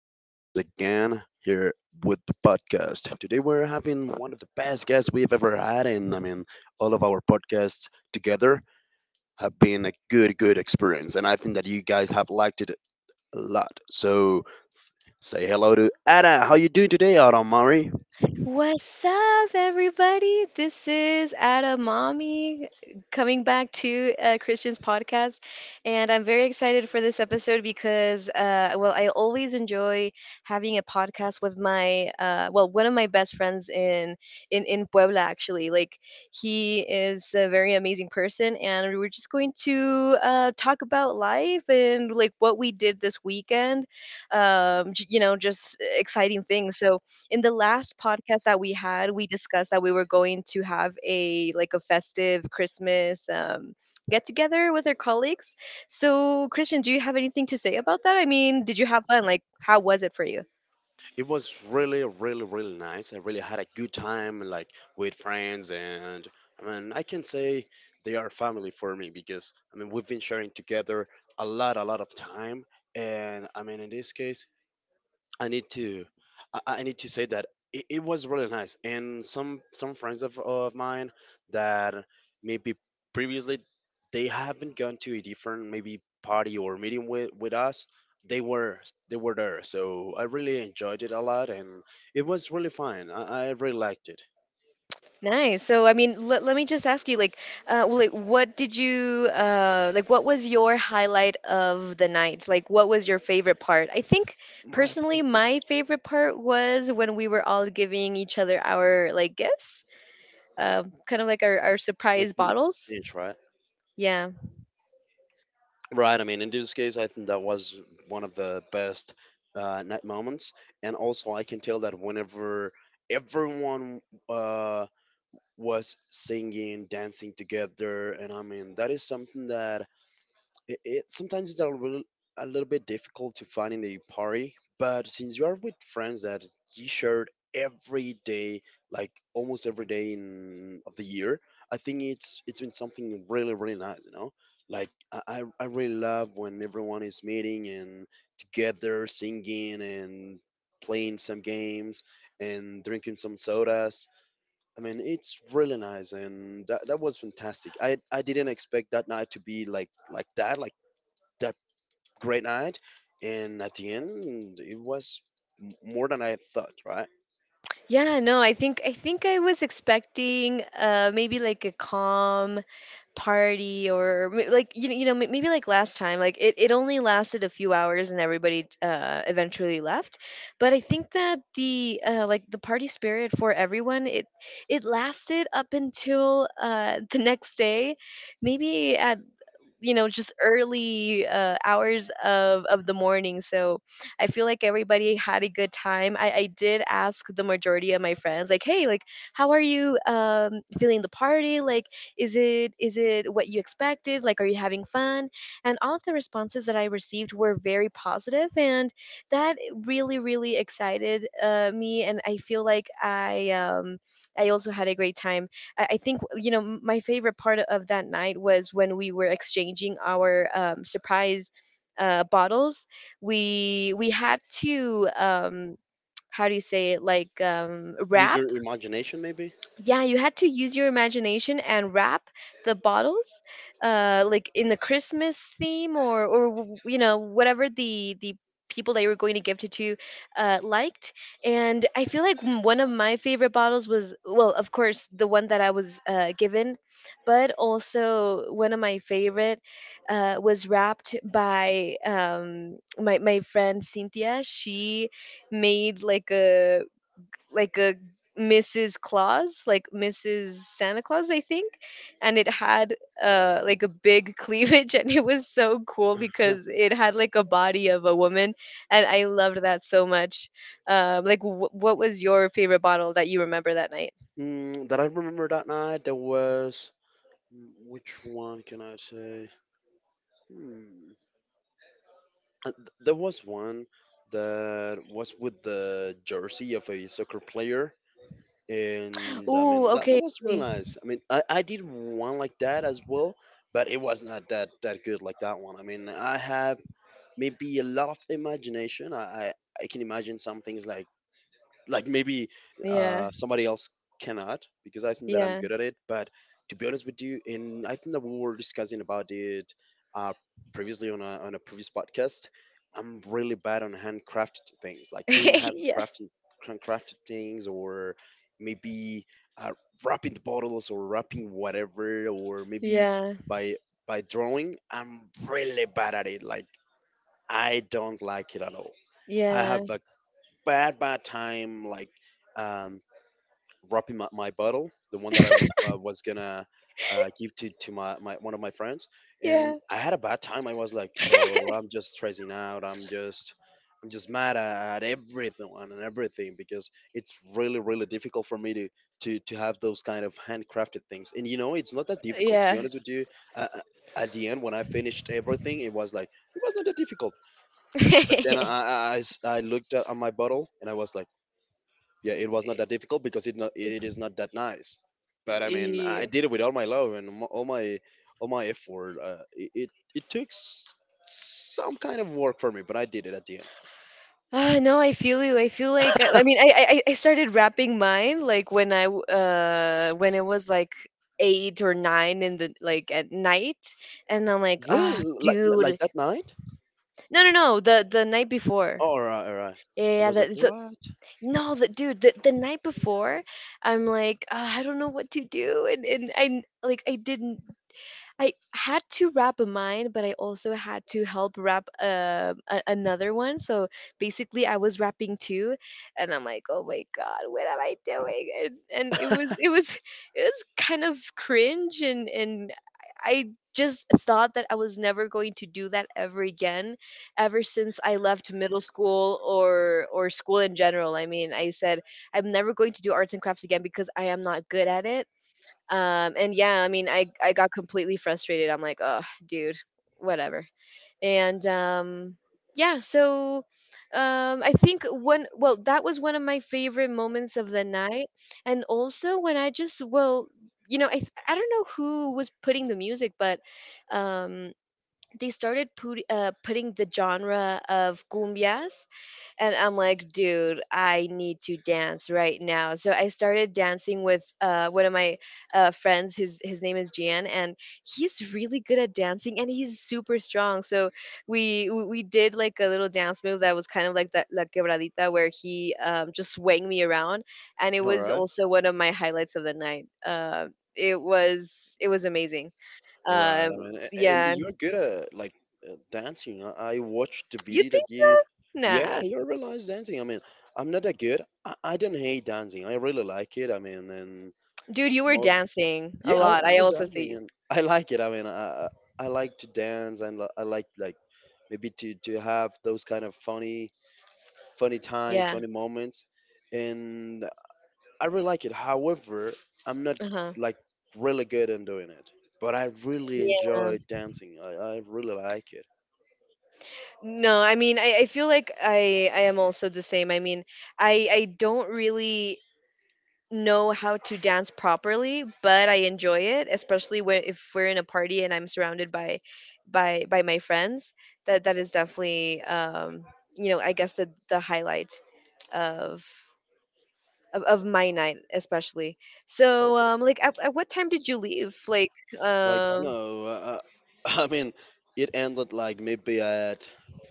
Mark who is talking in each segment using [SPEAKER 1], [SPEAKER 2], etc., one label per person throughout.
[SPEAKER 1] us once again here with the podcast. Today, we're having one of the best guests we've ever had, and I mean, all of our podcasts together have been a good, good experience, and I think that you guys have liked it a lot. So, say hello to Ada. How you doing today, Adam Murray?
[SPEAKER 2] What's up, everybody? This is Ada Mommy coming back to Christian's podcast. And I'm very excited for this episode because, well, I always enjoy having a podcast with my, well, one of my best friends in Puebla, actually. Like, he is a very amazing person. And we were just going to talk about life and, like, what we did this weekend. Just exciting things. So, in the last podcast that we had, we discussed that we were going to have a festive Christmas get together with our colleagues. So, Christian, do you have anything to say about that? I mean, did you have fun? Like, how was it for you?
[SPEAKER 1] It was really, really, really nice. I really had a good time, like with friends, and I mean, I can say they are family for me because I mean, we've been sharing together a lot of time, and I mean, in this case, I need to I need to say that it was really nice, and some friends of mine that maybe previously they haven't gone to a different maybe party or meeting with us, they were they were there, so I really enjoyed it a lot, and it was really fun. I really liked it.
[SPEAKER 2] Nice. So, I mean, let me just ask you, like, well, like, what did you, like, what was your highlight of the night? Like, what was your favorite part? I think
[SPEAKER 1] My
[SPEAKER 2] personally,
[SPEAKER 1] favorite.
[SPEAKER 2] my favorite part was when we were all giving each other our, like, gifts. Kind of like our
[SPEAKER 1] Like
[SPEAKER 2] surprise
[SPEAKER 1] the
[SPEAKER 2] bottles.
[SPEAKER 1] beach, right?
[SPEAKER 2] Yeah.
[SPEAKER 1] Right. I mean, in this case, I think that was one of the best night moments. And also, I can tell that whenever everyone uh, was singing, dancing together, and I mean, that is something that it sometimes it's a little bit difficult to find in a party, but since you are with friends that you shared every day, like almost every day in of the year, I think it's been something really really nice, you know. Like I really love when everyone is meeting and together singing and playing some games and drinking some sodas. I mean, it's really nice, and that was fantastic. I didn't expect that night to be like that, like that great night, and at the end, it was more than I thought, right?
[SPEAKER 2] Yeah, no, I think I was expecting maybe like a calm party or like maybe like last time like it only lasted a few hours and everybody eventually left, but I think that the like the party spirit for everyone, it lasted up until the next day, maybe at just early hours of the morning. So I feel like everybody had a good time. I did ask the majority of my friends like, hey, like how are you feeling the party, like is it what you expected, like are you having fun? And all of the responses that I received were very positive, and that really really excited me, and I feel like I also had a great time. I think You know, my favorite part of that night was when we were exchanging our surprise bottles. We had to how do you say it, like
[SPEAKER 1] Use
[SPEAKER 2] wrap?
[SPEAKER 1] your imagination, maybe.
[SPEAKER 2] Yeah, you had to use your imagination and wrap the bottles like in the Christmas theme, or you know, whatever the people that you were going to gift it to liked. And I feel like one of my favorite bottles was, well, of course, the one that I was given. But also one of my favorite was wrapped by my friend Cynthia. She made like a Mrs. Claus, like Mrs. Santa Claus, I think, and it had
[SPEAKER 1] Alright.
[SPEAKER 2] like a big cleavage, and it was so cool
[SPEAKER 1] Huh.
[SPEAKER 2] because it had like a body of a woman, and I loved that so much. Like, what was your favorite bottle that you remember that night?
[SPEAKER 1] That I remember that night, there was which one can I say? Hmm. There was one that was with the jersey of a soccer player, and I
[SPEAKER 2] Ooh,
[SPEAKER 1] mean that
[SPEAKER 2] okay,
[SPEAKER 1] was really nice. I mean, I did one like that as well, but it was not that good like that one. I mean, I have maybe a lot of imagination. I can imagine some things like maybe
[SPEAKER 2] yeah,
[SPEAKER 1] somebody else cannot, because I think that I'm
[SPEAKER 2] yeah,
[SPEAKER 1] good at it. But to be honest with you, and I think that we were discussing about it uh, previously on a previous podcast. I'm really bad on handcrafted things, like doing
[SPEAKER 2] yes,
[SPEAKER 1] handcrafted things, or maybe uh, wrapping the bottles, or wrapping whatever, or maybe
[SPEAKER 2] yeah,
[SPEAKER 1] by by drawing. I'm really bad at it. Like, I don't like it at all. I
[SPEAKER 2] yeah,
[SPEAKER 1] have a bad, bad time, like um, wrapping my bottle, the one that I was gonna give to my one of my friends, and
[SPEAKER 2] yeah,
[SPEAKER 1] I had a bad time. I was like, oh, I'm just stressing out. I'm just mad at everything and everything, because it's really, really difficult for me to have those kind of handcrafted things. And you know, it's not that difficult. To be
[SPEAKER 2] yeah.
[SPEAKER 1] honest with you, uh, uh, at the end, when I finished everything, it was like it was not that difficult, but then I looked at my bottle and I was like, yeah, it was not that difficult, because it is not that nice. But I mean, I
[SPEAKER 2] Yeah.
[SPEAKER 1] did it with all my love and all my effort. It took some kind of work for me, but I did it at the end.
[SPEAKER 2] No, I feel you. I feel like I started rapping mine like when when it was like eight or nine in the like at night, and I'm like,
[SPEAKER 1] Really,
[SPEAKER 2] oh,
[SPEAKER 1] like
[SPEAKER 2] dude,
[SPEAKER 1] that night?
[SPEAKER 2] no, no, no, the night before.
[SPEAKER 1] All right, all right.
[SPEAKER 2] Yeah,
[SPEAKER 1] I
[SPEAKER 2] yeah,
[SPEAKER 1] was like,
[SPEAKER 2] that, so
[SPEAKER 1] what?
[SPEAKER 2] no, the dude, the night before, I'm like, I don't know what to do, and I like I didn't, I had to wrap a mine, but I also had to help wrap another one. So basically, I was wrapping two, and I'm like, oh my god, what am I doing? And it was It was it was kind of cringe, and I just thought that I was never going to do that ever again. Ever since I left middle school or school in general, I mean, I said I'm never going to do arts and crafts again because I am not good at it. And Yeah, I mean, I got completely frustrated. I'm like, oh, dude, whatever. And Yeah, so I think one, well, that was one of my favorite moments of the night, and also when I just, well, you know, I don't know who was putting the music, but um, they started putting the genre of cumbias, and I'm like, dude, I need to dance right now. So I started dancing with one of my friends. His name is Gian, and he's really good at dancing and he's super strong. So we did like a little dance move that was kind of like that la quebradita, where he just swang me around, and it
[SPEAKER 1] All
[SPEAKER 2] was
[SPEAKER 1] right.
[SPEAKER 2] also one of my highlights of the night. It was it was amazing.
[SPEAKER 1] Right. I mean, and
[SPEAKER 2] Yeah.
[SPEAKER 1] you're good at like dancing. I watched the
[SPEAKER 2] You.
[SPEAKER 1] video that you. Yeah,
[SPEAKER 2] Nah.
[SPEAKER 1] you're really nice dancing. I mean, I'm not that good. I don't hate dancing. I really like it. I mean. And
[SPEAKER 2] Dude, you were
[SPEAKER 1] most,
[SPEAKER 2] dancing a
[SPEAKER 1] yeah,
[SPEAKER 2] lot.
[SPEAKER 1] I
[SPEAKER 2] I
[SPEAKER 1] was
[SPEAKER 2] also
[SPEAKER 1] dancing
[SPEAKER 2] see.
[SPEAKER 1] and I like it. I mean, I like to dance, and I like maybe to have those kind of funny, funny times,
[SPEAKER 2] Yeah.
[SPEAKER 1] funny moments, and I really like it. However, I'm not
[SPEAKER 2] Uh-huh.
[SPEAKER 1] like really good in doing it, but I really
[SPEAKER 2] Yeah.
[SPEAKER 1] enjoy dancing. I really like it.
[SPEAKER 2] No, I mean, I feel like I am also the same. I mean, I don't really know how to dance properly, but I enjoy it, especially when if we're in a party and I'm surrounded by my friends. That is definitely you know, I guess the highlight of of my night especially. So like at what time did you leave, like
[SPEAKER 1] Like,
[SPEAKER 2] um
[SPEAKER 1] no, I mean, it ended like maybe at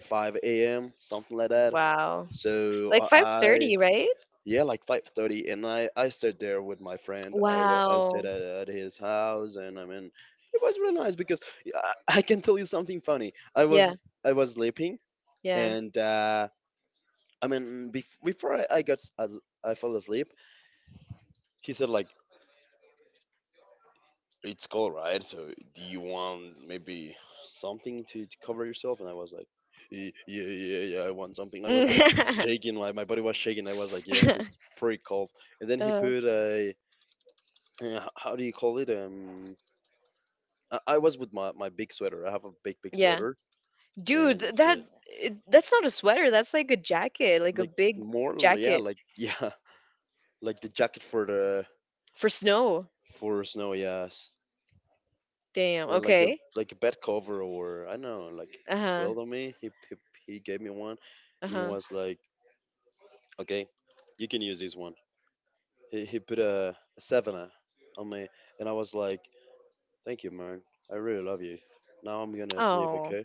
[SPEAKER 1] 5 a.m., something like that.
[SPEAKER 2] wow,
[SPEAKER 1] So
[SPEAKER 2] like
[SPEAKER 1] I I-
[SPEAKER 2] 5:30, right?
[SPEAKER 1] yeah, like 5:30, and I stayed there with my friend. I stayed
[SPEAKER 2] Wow.
[SPEAKER 1] at his house, and I mean, it was really nice because, yeah, I can tell you something funny.
[SPEAKER 2] Yeah,
[SPEAKER 1] I was sleeping,
[SPEAKER 2] yeah.
[SPEAKER 1] and I mean, before I got s- as- I fell asleep, he said like, it's cold, right? So do you want maybe something to cover yourself? And I was like, yeah, yeah, yeah, I want something. I was like shaking, like my body was shaking. I was like, yes, it's pretty cold. And then he
[SPEAKER 2] uh,
[SPEAKER 1] put a how do you call it? I was with my big sweater. I have a big
[SPEAKER 2] yeah.
[SPEAKER 1] sweater,
[SPEAKER 2] Dude,
[SPEAKER 1] and
[SPEAKER 2] that, that's not a sweater, that's like a jacket, like a
[SPEAKER 1] like
[SPEAKER 2] big
[SPEAKER 1] more, yeah,
[SPEAKER 2] jacket
[SPEAKER 1] like yeah, like the jacket
[SPEAKER 2] for snow.
[SPEAKER 1] for snow, yes.
[SPEAKER 2] Damn,
[SPEAKER 1] Yeah, like a
[SPEAKER 2] okay.
[SPEAKER 1] bed cover, or I don't know, like
[SPEAKER 2] Uh-huh.
[SPEAKER 1] quilt on me. He gave me one, and he
[SPEAKER 2] Uh-huh.
[SPEAKER 1] was like, okay, you can use this one. He put a savannah on me, and I was like, thank you, man. I really love you. Now I'm gonna sleep,
[SPEAKER 2] Oh.
[SPEAKER 1] okay?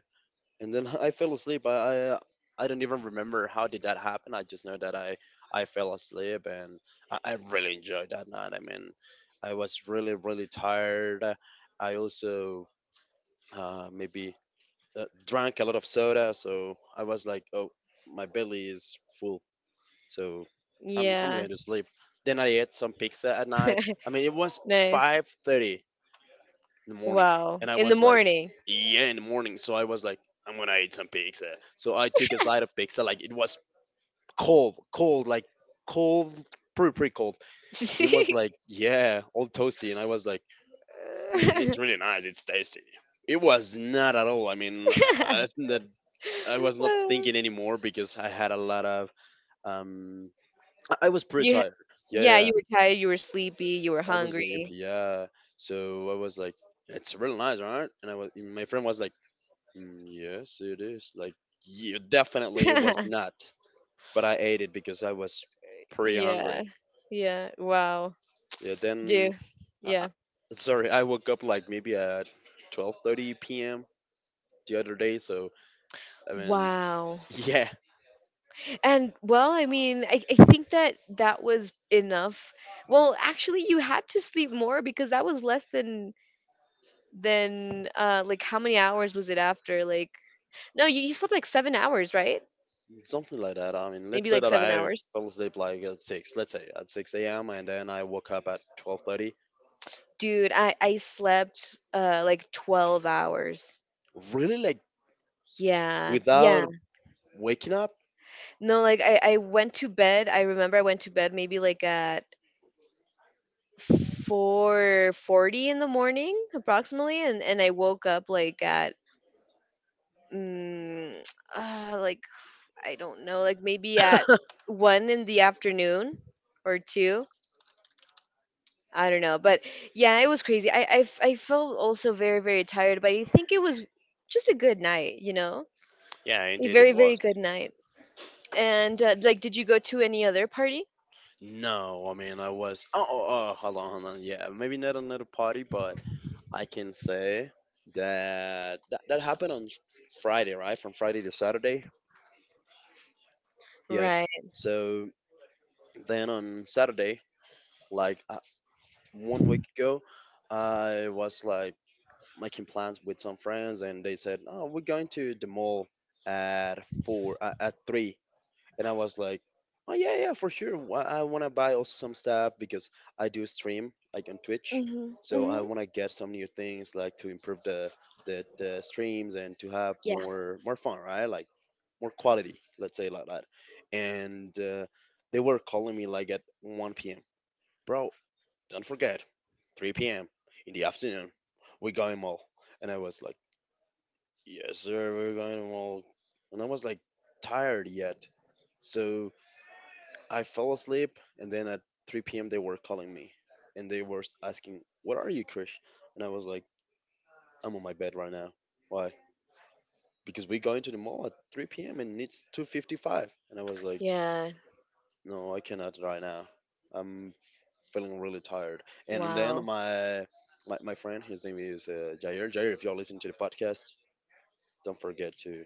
[SPEAKER 1] And then I fell asleep. I don't even remember how did that happen. I just know that I fell asleep, and I really enjoyed that night. I mean, I was really really tired. I also maybe drank a lot of soda, so I was like, oh, my belly is full, so I'm
[SPEAKER 2] Yeah.
[SPEAKER 1] going to sleep. Then I ate some pizza at night. I mean, it was
[SPEAKER 2] Nice.
[SPEAKER 1] 5:30 in the morning,
[SPEAKER 2] Wow,
[SPEAKER 1] and I
[SPEAKER 2] in the
[SPEAKER 1] was like,
[SPEAKER 2] morning.
[SPEAKER 1] yeah, in the morning. So I was like, I'm gonna eat some pizza. So I took a slice of pizza. Like, it was cold, cold, like cold, pretty pretty cold, and it was like, yeah, all toasty. And I was like, mm, it's really nice. It's tasty. It was not at all. I mean, I think that I was not thinking anymore because I had a lot of. Um, I was pretty
[SPEAKER 2] you ha-
[SPEAKER 1] tired. Yeah, yeah,
[SPEAKER 2] yeah,
[SPEAKER 1] yeah.
[SPEAKER 2] you were tired, you were sleepy, you were
[SPEAKER 1] I was like,
[SPEAKER 2] hungry.
[SPEAKER 1] yeah. So I was like, it's really nice, right? And my friend was like, mm, yes, it is. Like, yeah, definitely it was not. But I ate it because I was pretty
[SPEAKER 2] Yeah.
[SPEAKER 1] hungry.
[SPEAKER 2] Yeah. Wow.
[SPEAKER 1] Yeah. Then,
[SPEAKER 2] Dude.
[SPEAKER 1] I, I,
[SPEAKER 2] Yeah.
[SPEAKER 1] sorry, I woke up like maybe at 12:30 p.m. the other day, so I mean,
[SPEAKER 2] Wow.
[SPEAKER 1] yeah,
[SPEAKER 2] And well, I mean, I think that that was enough. Well, actually, you had to sleep more because that was less than like how many hours was it after? Like, no, you slept like 7 hours, right?
[SPEAKER 1] something like that. I mean, let's
[SPEAKER 2] Maybe
[SPEAKER 1] say
[SPEAKER 2] like
[SPEAKER 1] that
[SPEAKER 2] seven
[SPEAKER 1] I
[SPEAKER 2] hours.
[SPEAKER 1] fell asleep like at six, let's say at 6 a.m., and then I woke up at 12:30.
[SPEAKER 2] Dude, I slept like 12 hours.
[SPEAKER 1] Really, like
[SPEAKER 2] Yeah, yeah.
[SPEAKER 1] without waking up?
[SPEAKER 2] No, like I went to bed. I remember I went to bed maybe like at 4:40 in the morning approximately, and I woke up like at mm, like I don't know, like maybe at one in the afternoon or two. I don't know, but yeah, it was crazy. I felt also very very tired, but I think it was just a good night, you know,
[SPEAKER 1] Yeah,
[SPEAKER 2] a
[SPEAKER 1] indeed it
[SPEAKER 2] very very
[SPEAKER 1] was.
[SPEAKER 2] good night. And like, did you go to any other party?
[SPEAKER 1] No, I mean I was. Oh, oh, oh, hold on, hold on. Yeah, maybe not another party, but I can say that that happened on Friday, right? From Friday to Saturday. Yes.
[SPEAKER 2] Right.
[SPEAKER 1] So then on Saturday, like one week ago, I was like making plans with some friends, and they said, oh, we're going to the mall at four at three. And I was like, oh yeah, yeah, for sure. I want to buy also some stuff, because I do stream like on Twitch,
[SPEAKER 2] Mm-hmm.
[SPEAKER 1] so I
[SPEAKER 2] Mm-hmm.
[SPEAKER 1] want to get some new things, like to improve the, the streams and to have
[SPEAKER 2] Yeah.
[SPEAKER 1] more fun, right? Like more quality, let's say like that. And they were calling me like at 1 p.m. Bro, don't forget, 3 p.m. in the afternoon, we're going mall. And I was like, yes, sir, we're going to mall. And I was like tired yet. So I fell asleep. And then at 3 p.m., they were calling me, and they were asking, what are you, Krish? And I was like, I'm on my bed right now. Why? Because we're going to the mall at 3 p.m. and it's 2:55. And I was like,
[SPEAKER 2] Yeah.
[SPEAKER 1] no, I cannot right now. I'm feeling really tired. And then
[SPEAKER 2] Wow.
[SPEAKER 1] my my friend, his name is Jair. Jair, if you're listening to the podcast, don't forget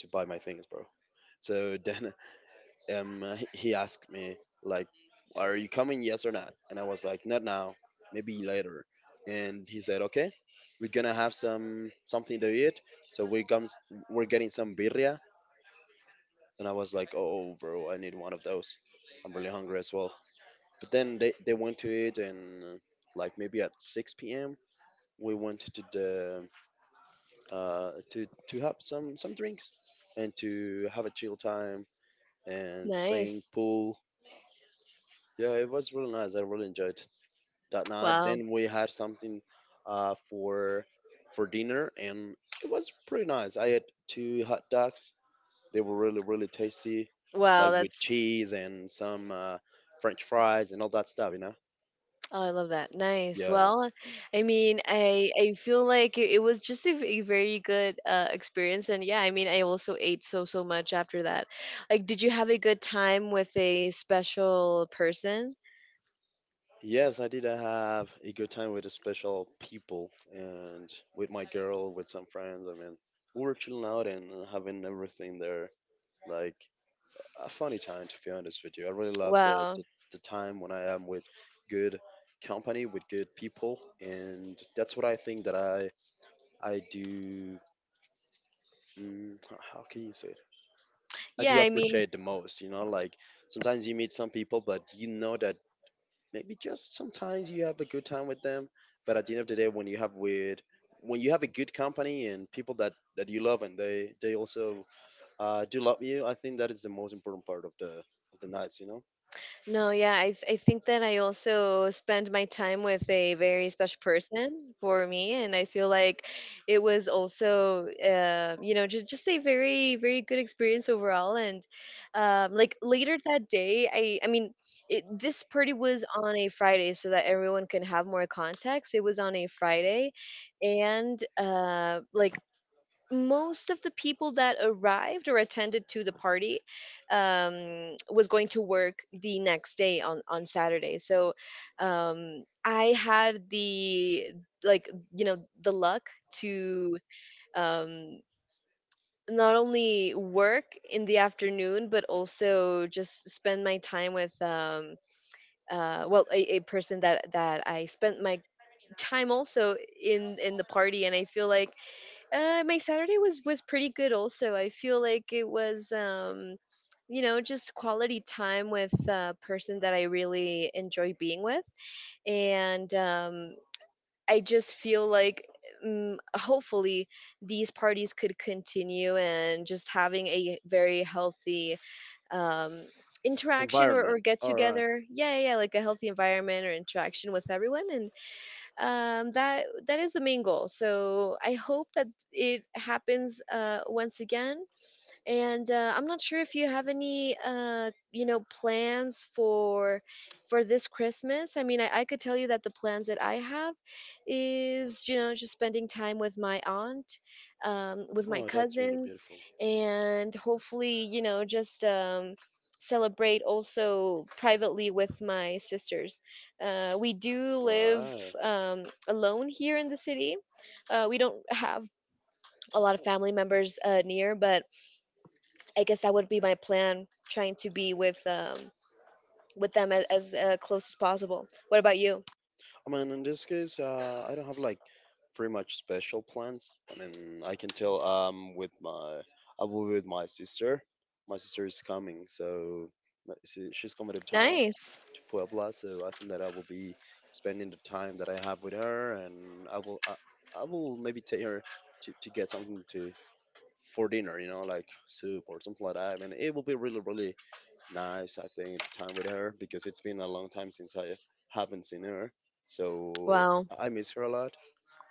[SPEAKER 1] to buy my things, bro. So then um he asked me like, are you coming, yes or not? And I was like, not now, maybe later. And he said, okay, we're gonna have some something to eat. So we're getting some birria. And I was like, oh, bro, I need one of those. I'm really hungry as well. But then they went to it and like maybe at 6 p.m. we went to the to have some drinks and to have a chill time and playing
[SPEAKER 2] Nice.
[SPEAKER 1] pool. Yeah, it was really nice. I really enjoyed that night.
[SPEAKER 2] Wow.
[SPEAKER 1] Then we had something uh, for for dinner and it was pretty nice. I had two hot dogs. They were really really tasty,
[SPEAKER 2] Wow,
[SPEAKER 1] like with
[SPEAKER 2] that's
[SPEAKER 1] cheese and some French fries and all that stuff. You know.
[SPEAKER 2] oh, I love that. Nice.
[SPEAKER 1] Yeah.
[SPEAKER 2] Well, I mean, I feel like it was just a, a very good experience. And yeah, I mean, I also ate so so much after that. Like, did you have a good time with a special person?
[SPEAKER 1] Yes, I did have a good time with the special people and with my girl, with some friends. I mean, we were chilling out and having everything there. Like a funny time, to be honest with you. I really love
[SPEAKER 2] Wow.
[SPEAKER 1] the time when I am with good company, with good people. And that's what I think that I do. How can you say it? I
[SPEAKER 2] Yeah,
[SPEAKER 1] do
[SPEAKER 2] I mean,
[SPEAKER 1] appreciate the most, you know, like sometimes you meet some people, but you know that maybe just sometimes you have a good time with them, but at the end of the day when you have with, when you have a good company and people that you love and they also do love you. I think that is the most important part of the nights, you know.
[SPEAKER 2] no, yeah, I think that I also spend my time with a very special person for me, and I feel like it was also you know, just a very very good experience overall. And like later that day, this party was on a Friday, so that everyone can have more context. It was on a Friday, and like most of the people that arrived or attended to the party was going to work the next day on Saturday. So I had the like you know the luck to um, not only work in the afternoon but also just spend my time with. Well, a person that that I spent my time also in the party, and I feel like my Saturday was pretty good also. I feel like it was you know, just quality time with a person that I really enjoy being with. And I just feel like mm, hopefully these parties could continue and just having a very healthy um interaction or
[SPEAKER 1] Environment.
[SPEAKER 2] get
[SPEAKER 1] All right.
[SPEAKER 2] together, yeah yeah yeah, like a healthy environment or interaction with everyone. And that that is the main goal. So I hope that it happens once again. And I'm not sure if you have any plans for this Christmas. I mean, I could tell you that the plans that I have is, you know, just spending time with my aunt, with my
[SPEAKER 1] Oh, that's really
[SPEAKER 2] cousins,
[SPEAKER 1] beautiful.
[SPEAKER 2] and hopefully, you know, just celebrate also privately with my sisters. We do
[SPEAKER 1] All
[SPEAKER 2] live
[SPEAKER 1] right.
[SPEAKER 2] alone here in the city. We don't have a lot of family members near, but I guess that would be my plan, trying to be with them as, close as possible. What about you?
[SPEAKER 1] I mean, in this case, I don't have like pretty much special plans. I mean, I can tell with my, I will be with my sister. My sister is coming, so she's coming to town,
[SPEAKER 2] Nice.
[SPEAKER 1] to Puebla. So I think that I will be spending the time that I have with her, and I will maybe take her to get something to, for dinner, you know, like soup or something like that. And it will be really really nice. I think the time with her, because it's been a long time since I haven't seen her. So
[SPEAKER 2] Wow.
[SPEAKER 1] I miss her a lot,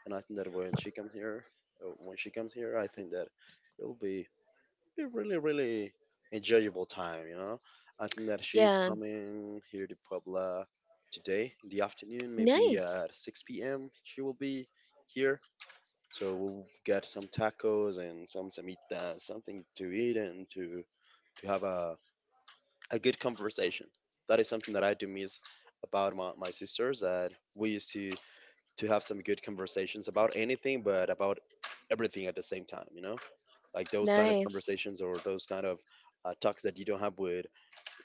[SPEAKER 1] and I think that when she comes here, I think that it'll be a really, really enjoyable time, you know. I think that she's
[SPEAKER 2] Yeah.
[SPEAKER 1] coming here to Puebla today in the afternoon, maybe
[SPEAKER 2] Nice.
[SPEAKER 1] at 6 p.m. She will be here. So we'll get some tacos and some samita, something to eat and to have a good conversation. That is something that I do miss about my sisters, that we used to have some good conversations about anything, but about everything at the same time, you know? Like those kind of
[SPEAKER 2] Nice.
[SPEAKER 1] conversations or those kind of talks that you don't have with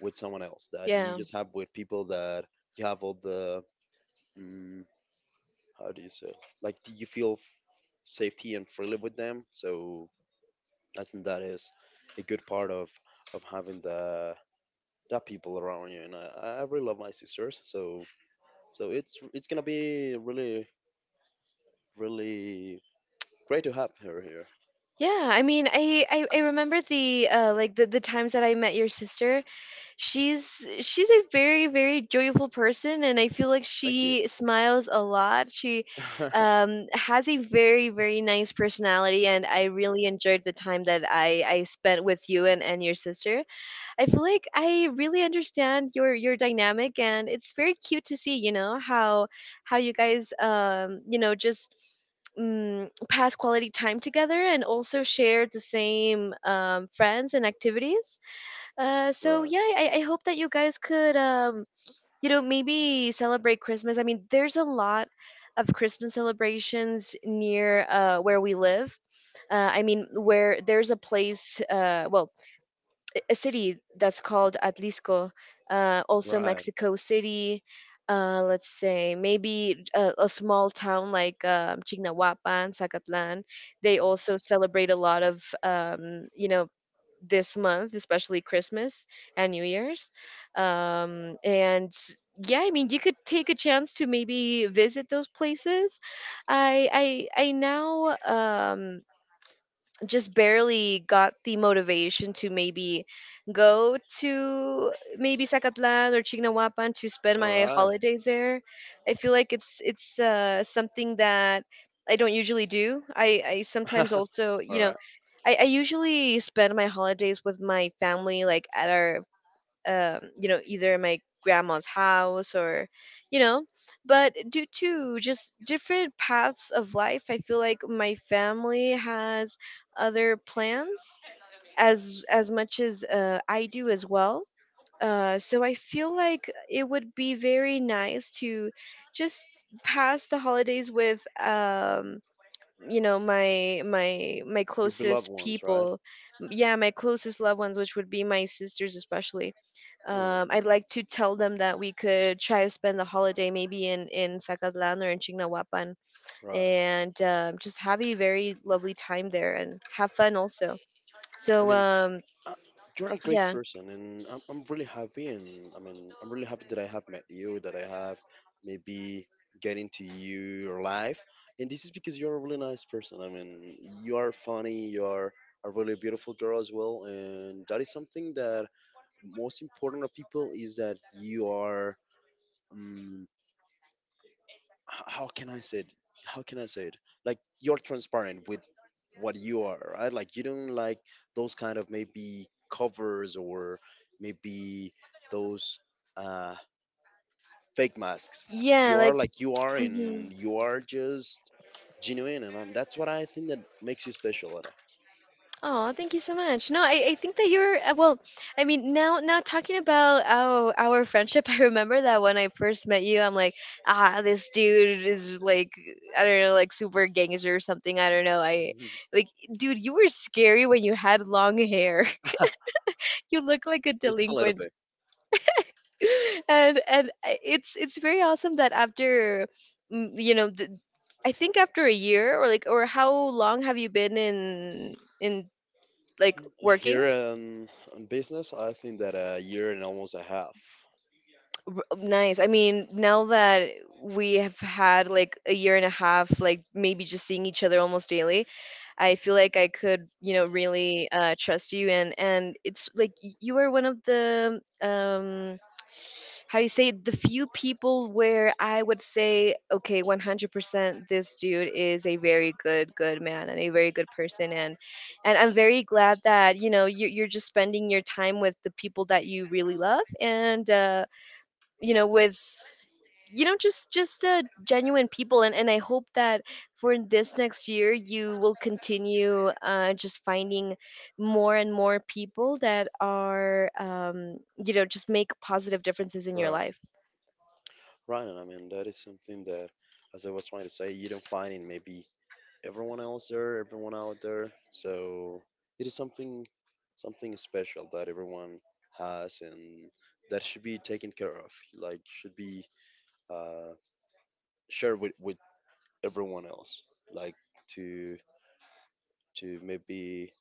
[SPEAKER 1] with someone else, that you
[SPEAKER 2] Yeah.
[SPEAKER 1] just have with people that you have all the, mm, how do you say, like do you feel safety and freely with them. So I think that is a good part of having the, that people around you. And I really love my sisters, so so it's gonna be really really great to have her here.
[SPEAKER 2] Yeah. I mean, I remember the the times that I met your sister. She's a very very joyful person, and I feel like
[SPEAKER 1] Thank you.
[SPEAKER 2] she smiles a lot. She has a very very nice personality, and I really enjoyed the time that I spent with you and your sister. I feel like I really understand your dynamic, and it's very cute to see, how you guys just pass quality time together and also share the same friends and activities. So
[SPEAKER 1] right.
[SPEAKER 2] yeah, I hope that you guys could maybe celebrate Christmas. I mean, there's a lot of Christmas celebrations near where we live. I mean, where there's a place, well, a city that's called Atlisco, also
[SPEAKER 1] Right.
[SPEAKER 2] Mexico City. Let's say maybe a small town like Chignahuapan, Zacatlan. They also celebrate a lot of you know this month, especially Christmas and New Year's. And yeah, I mean you could take a chance to maybe visit those places. I now just barely got the motivation to maybe go to maybe Zacatlan or Chignahuapan to spend
[SPEAKER 1] All
[SPEAKER 2] my
[SPEAKER 1] right.
[SPEAKER 2] holidays there. I feel like it's something that I don't usually do. I sometimes also,
[SPEAKER 1] All right.
[SPEAKER 2] I usually spend my holidays with my family, like at our you know either my grandma's house or you know, but due to just different paths of life, I feel like my family has other plans, as much as I do as well. So I feel like it would be very nice to just pass the holidays with you know my
[SPEAKER 1] Your beloved
[SPEAKER 2] closest
[SPEAKER 1] ones, right?
[SPEAKER 2] people. Yeah, my closest loved ones, which would be my sisters especially.
[SPEAKER 1] Hmm.
[SPEAKER 2] I'd like to tell them that we could try to spend the holiday maybe in Zacatlan or in Chignahuapan,
[SPEAKER 1] Right.
[SPEAKER 2] and just have a very lovely time there and have fun also.
[SPEAKER 1] I
[SPEAKER 2] So,
[SPEAKER 1] mean, uh, you're a great
[SPEAKER 2] yeah,
[SPEAKER 1] person, and I'm really happy. And I mean, I'm really happy that I have met you, that I have maybe get into your life. And this is because you're a really nice person. I mean, you are funny. You are a really beautiful girl as well. And that is something that most important of people is that you are. mm, how can I say it? How can I say it? Like you're transparent with what you are, right? Like you don't like those kind of maybe covers or maybe those uh, fake masks.
[SPEAKER 2] yeah,
[SPEAKER 1] You are
[SPEAKER 2] like,
[SPEAKER 1] like you are,
[SPEAKER 2] mhm.
[SPEAKER 1] and you are just genuine, and that's what I think that makes you special, Ada.
[SPEAKER 2] Oh, thank you so much. No, I think that you're well. I mean, now talking about our friendship, I remember that when I first met you, I'm like, ah, this dude is like, I don't know, like super gangster or something. I don't know. I Like, dude, you were scary when you had long hair. You look like a
[SPEAKER 1] just a little
[SPEAKER 2] delinquent,
[SPEAKER 1] bit.
[SPEAKER 2] and it's very awesome that after, mm, you know, the, I think after a year or like, or how long have you been in like working?
[SPEAKER 1] Here on business, I think that a year and almost a half.
[SPEAKER 2] Nice. I mean, now that we have had like a year and a half, like maybe just seeing each other almost daily, I feel like I could, really trust you. And it's like you are one of the how do you say it? The few people where I would say, okay, 100%, this dude is a very good, good man and a very good person. And I'm very glad that you know you're just spending your time with the people that you really love. And you know, with just genuine people, and I hope that for this next year you will continue just finding more and more people that are you know just make positive differences in your
[SPEAKER 1] Right.
[SPEAKER 2] life.
[SPEAKER 1] Right, and I mean that is something that, as I was trying to say, you don't find in maybe everyone else there, everyone out there. So it is something, something special that everyone has, and that should be taken care of. Like should be uh, shared with everyone else. Like to to maybe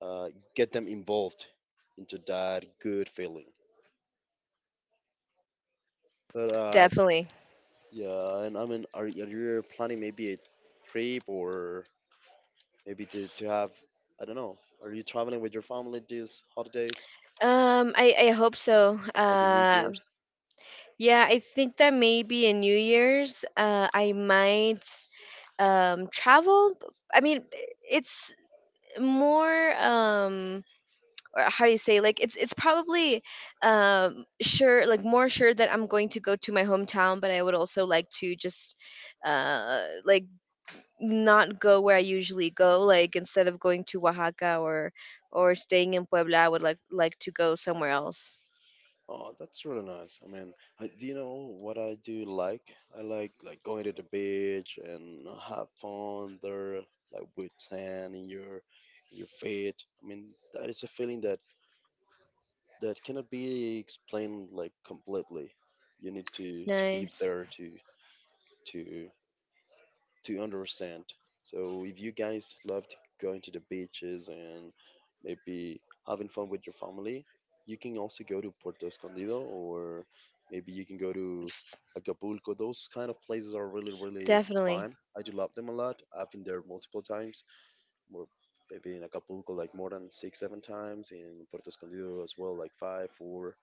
[SPEAKER 1] uh, get them involved into that good feeling. But
[SPEAKER 2] Definitely.
[SPEAKER 1] yeah, and I mean, are you planning maybe a trip, or? Maybe to have, I don't know, are you traveling with your family these holidays,
[SPEAKER 2] I hope so.
[SPEAKER 1] like in New Year's?
[SPEAKER 2] Yeah, I think that maybe in New Year's I might travel. I mean, it's more or how do you say, like, it's probably sure, like more sure that I'm going to go to my hometown, but I would also like to just like not go where I usually go, like instead of going to Oaxaca or staying in Puebla. I would like to go somewhere else.
[SPEAKER 1] Oh, that's really nice. I mean, I, do you know what I do like? I like going to the beach and have fun there, like with tan in your, in your feet. I mean, that is a feeling that that cannot be explained like completely. You need to be
[SPEAKER 2] Nice.
[SPEAKER 1] there to to understand. So if you guys loved going to the beaches and maybe having fun with your family, you can also go to Puerto Escondido, or maybe you can go to Acapulco. Those kind of places are really, really
[SPEAKER 2] Definitely.
[SPEAKER 1] fun. I do love them a lot. I've been there multiple times. More maybe in Acapulco, like more than six, seven times, in Puerto Escondido as well, like five, four.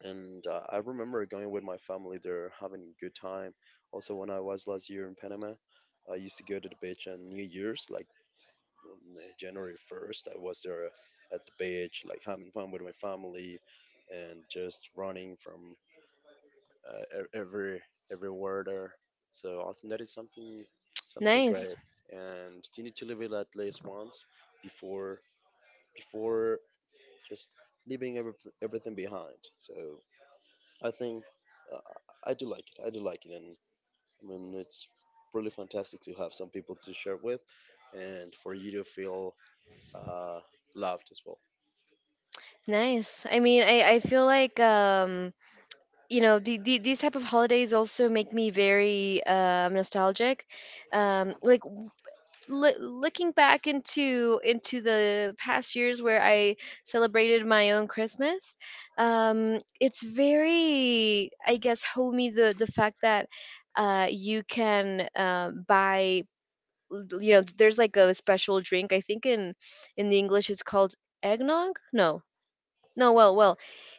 [SPEAKER 1] And I remember going with my family there, having a good time. Also, when I was last year in Panama, I used to go to the beach on New Year's, like on January 1st. I was there at the beach, like having fun with my family, and just running from every everywhere there. So I think that is something, something
[SPEAKER 2] Nice.
[SPEAKER 1] great, and you need to live it at least once before, before just leaving every, everything behind. So I think uh, I do like it. I do like it, and I mean it's really fantastic to have some people to share with, and for you to feel uh, loved as well.
[SPEAKER 2] Nice. I mean, I feel like you know, these type of holidays also make me very nostalgic. Like, looking back into the past years where I celebrated my own Christmas, it's very, I guess, homey, the fact that you can buy, you know, there's like a special drink. I think in the English it's called eggnog. No, no, well,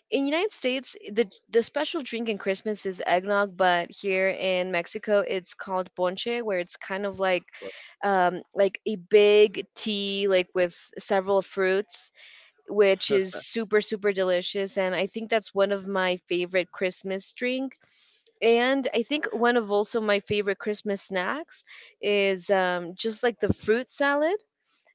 [SPEAKER 2] in United States, the special drink in Christmas is eggnog, but here in Mexico, it's called ponche, where it's kind of
[SPEAKER 1] Right,
[SPEAKER 2] like a big tea, like with several fruits, which is super super delicious. And I think that's one of my favorite Christmas drink. And I think one of also my favorite Christmas snacks is just like the fruit salad,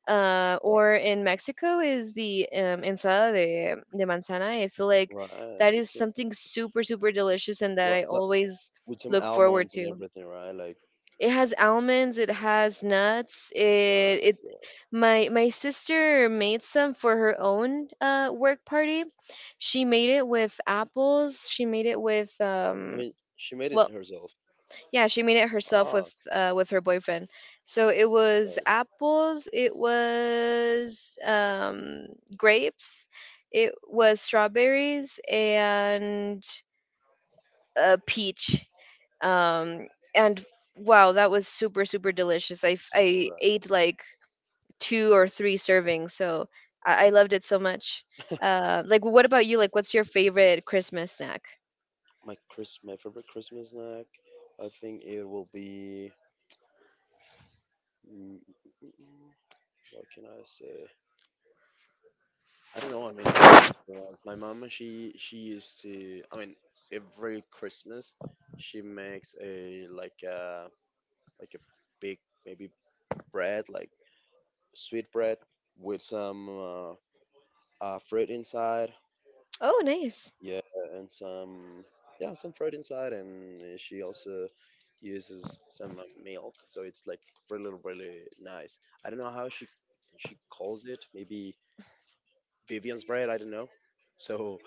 [SPEAKER 1] right,
[SPEAKER 2] or in Mexico is the ensalada de manzana. I feel like
[SPEAKER 1] right.
[SPEAKER 2] that is
[SPEAKER 1] It's,
[SPEAKER 2] something super, super delicious and that
[SPEAKER 1] what,
[SPEAKER 2] I
[SPEAKER 1] like,
[SPEAKER 2] always
[SPEAKER 1] with some
[SPEAKER 2] look forward
[SPEAKER 1] almonds and
[SPEAKER 2] to.
[SPEAKER 1] everything, right? Like
[SPEAKER 2] It has almonds, it has nuts. It
[SPEAKER 1] that's yes.
[SPEAKER 2] My sister made some for her own work party. She made it with apples. She made it with
[SPEAKER 1] I mean, she made it
[SPEAKER 2] well,
[SPEAKER 1] herself.
[SPEAKER 2] yeah, she made it herself
[SPEAKER 1] Ah,
[SPEAKER 2] with her boyfriend. So it was
[SPEAKER 1] got it.
[SPEAKER 2] apples, it was grapes, it was strawberries, and a peach. Um, and wow, that was super super delicious. I
[SPEAKER 1] Right.
[SPEAKER 2] ate like two or three servings, so I loved it so much. Like, what about you? Like, what's your favorite Christmas snack?
[SPEAKER 1] My Chris, my favorite Christmas snack, I think it will be. mm, mm, mm, mm, what can I say? I don't know. I mean, I have multiple ones. My mama, she used to. I mean, every Christmas, she makes a like a, like a big, maybe bread, like sweet bread with some fruit inside.
[SPEAKER 2] Oh, nice.
[SPEAKER 1] Yeah, and some, yeah, some fruit inside, and she also uses some milk. So it's like really really nice. I don't know how she calls it. Maybe Vivian's bread. I don't know. So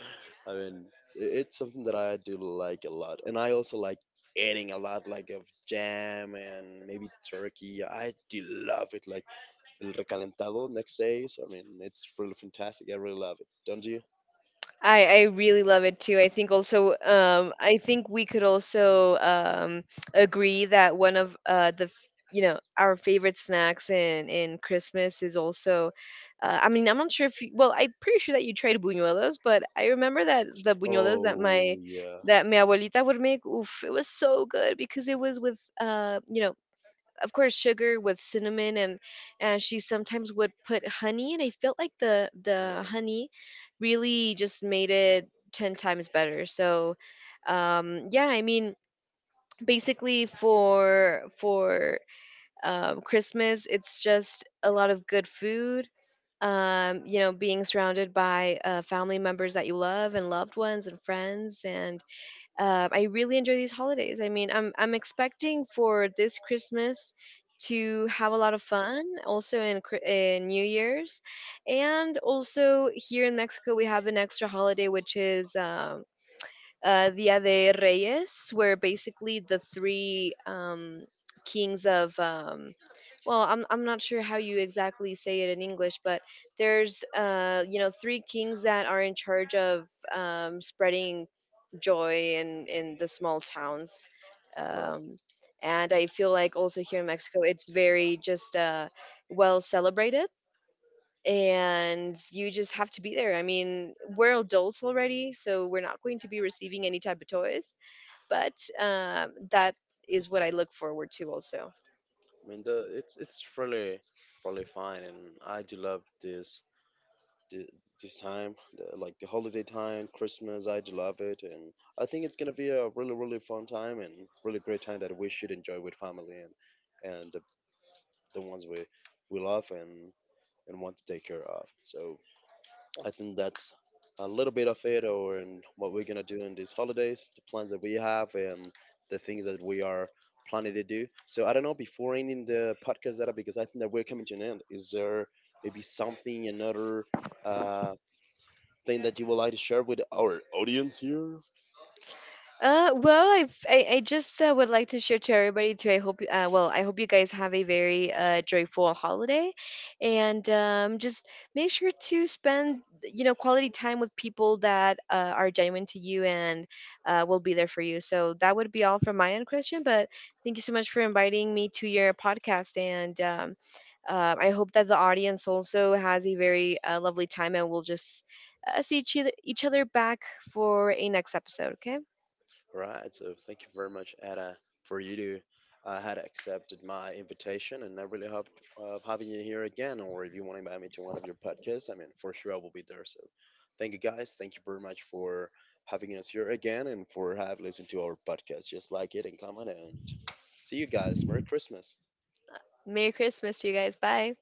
[SPEAKER 1] I mean, it's something that I do like a lot, and I also like adding a lot, like of jam and maybe turkey. I do love it, like el recalentado next day. So I mean, it's really fantastic. I really love it. Don't you?
[SPEAKER 2] I really love it too. I think also, I think we could also agree that one of you know our favorite snacks in Christmas is also I mean, I'm not sure if you, well, I'm pretty sure that you tried buñuelos, but I remember that the buñuelos
[SPEAKER 1] Oh yeah.
[SPEAKER 2] that my abuelita would make, oof, it was so good, because it was with you know, of course, sugar with cinnamon, and she sometimes would put honey, and I felt like the
[SPEAKER 1] Right,
[SPEAKER 2] honey really just made it 10 times better. So yeah, I mean, basically for Christmas it's just a lot of good food. You know, being surrounded by family members that you love, and loved ones and friends, and I really enjoy these holidays. I mean, I'm expecting for this Christmas to have a lot of fun, also in New Year's, and also here in Mexico we have an extra holiday which is Dia de Reyes, where basically the three kings of well, I'm not sure how you exactly say it in English, but there's you know, three kings that are in charge of spreading joy in the small towns.
[SPEAKER 1] right.
[SPEAKER 2] Um, and I feel like also here in Mexico, it's very just well celebrated, and you just have to be there. I mean, we're adults already, so we're not going to be receiving any type of toys, but that is what I look forward to also.
[SPEAKER 1] I mean, the it's really really fine, and I do love this th- this time, the, like the holiday time, Christmas. I do love it, and I think it's gonna be a really, really fun time and really great time that we should enjoy with family and the ones we love and want to take care of. So I think that's a little bit of it, or and what we're gonna do in these holidays, the plans that we have, and the things that we are planning to do. So I don't know. Before ending the podcast, Zara, because I think that we're coming to an end. Is there maybe something another uh, thing that you would like to share with our audience here?
[SPEAKER 2] Well, I just would like to share to everybody too. I hope you guys have a very joyful holiday, and just make sure to spend, you know, quality time with people that are genuine to you and will be there for you. So that would be all from my end, Christian. But thank you so much for inviting me to your podcast, and I hope that the audience also has a very lovely time, and we'll just each other back for a next episode. Okay.
[SPEAKER 1] All right. So thank you very much, Ada, for you to had accepted my invitation, and I really hope of having you here again. Or if you want to invite me to one of your podcasts, I mean, for sure I will be there. So thank you guys. Thank you very much for having us here again and for have listened to our podcast. Just like it and comment and see you guys. Merry Christmas.
[SPEAKER 2] Merry Christmas to you guys. Bye.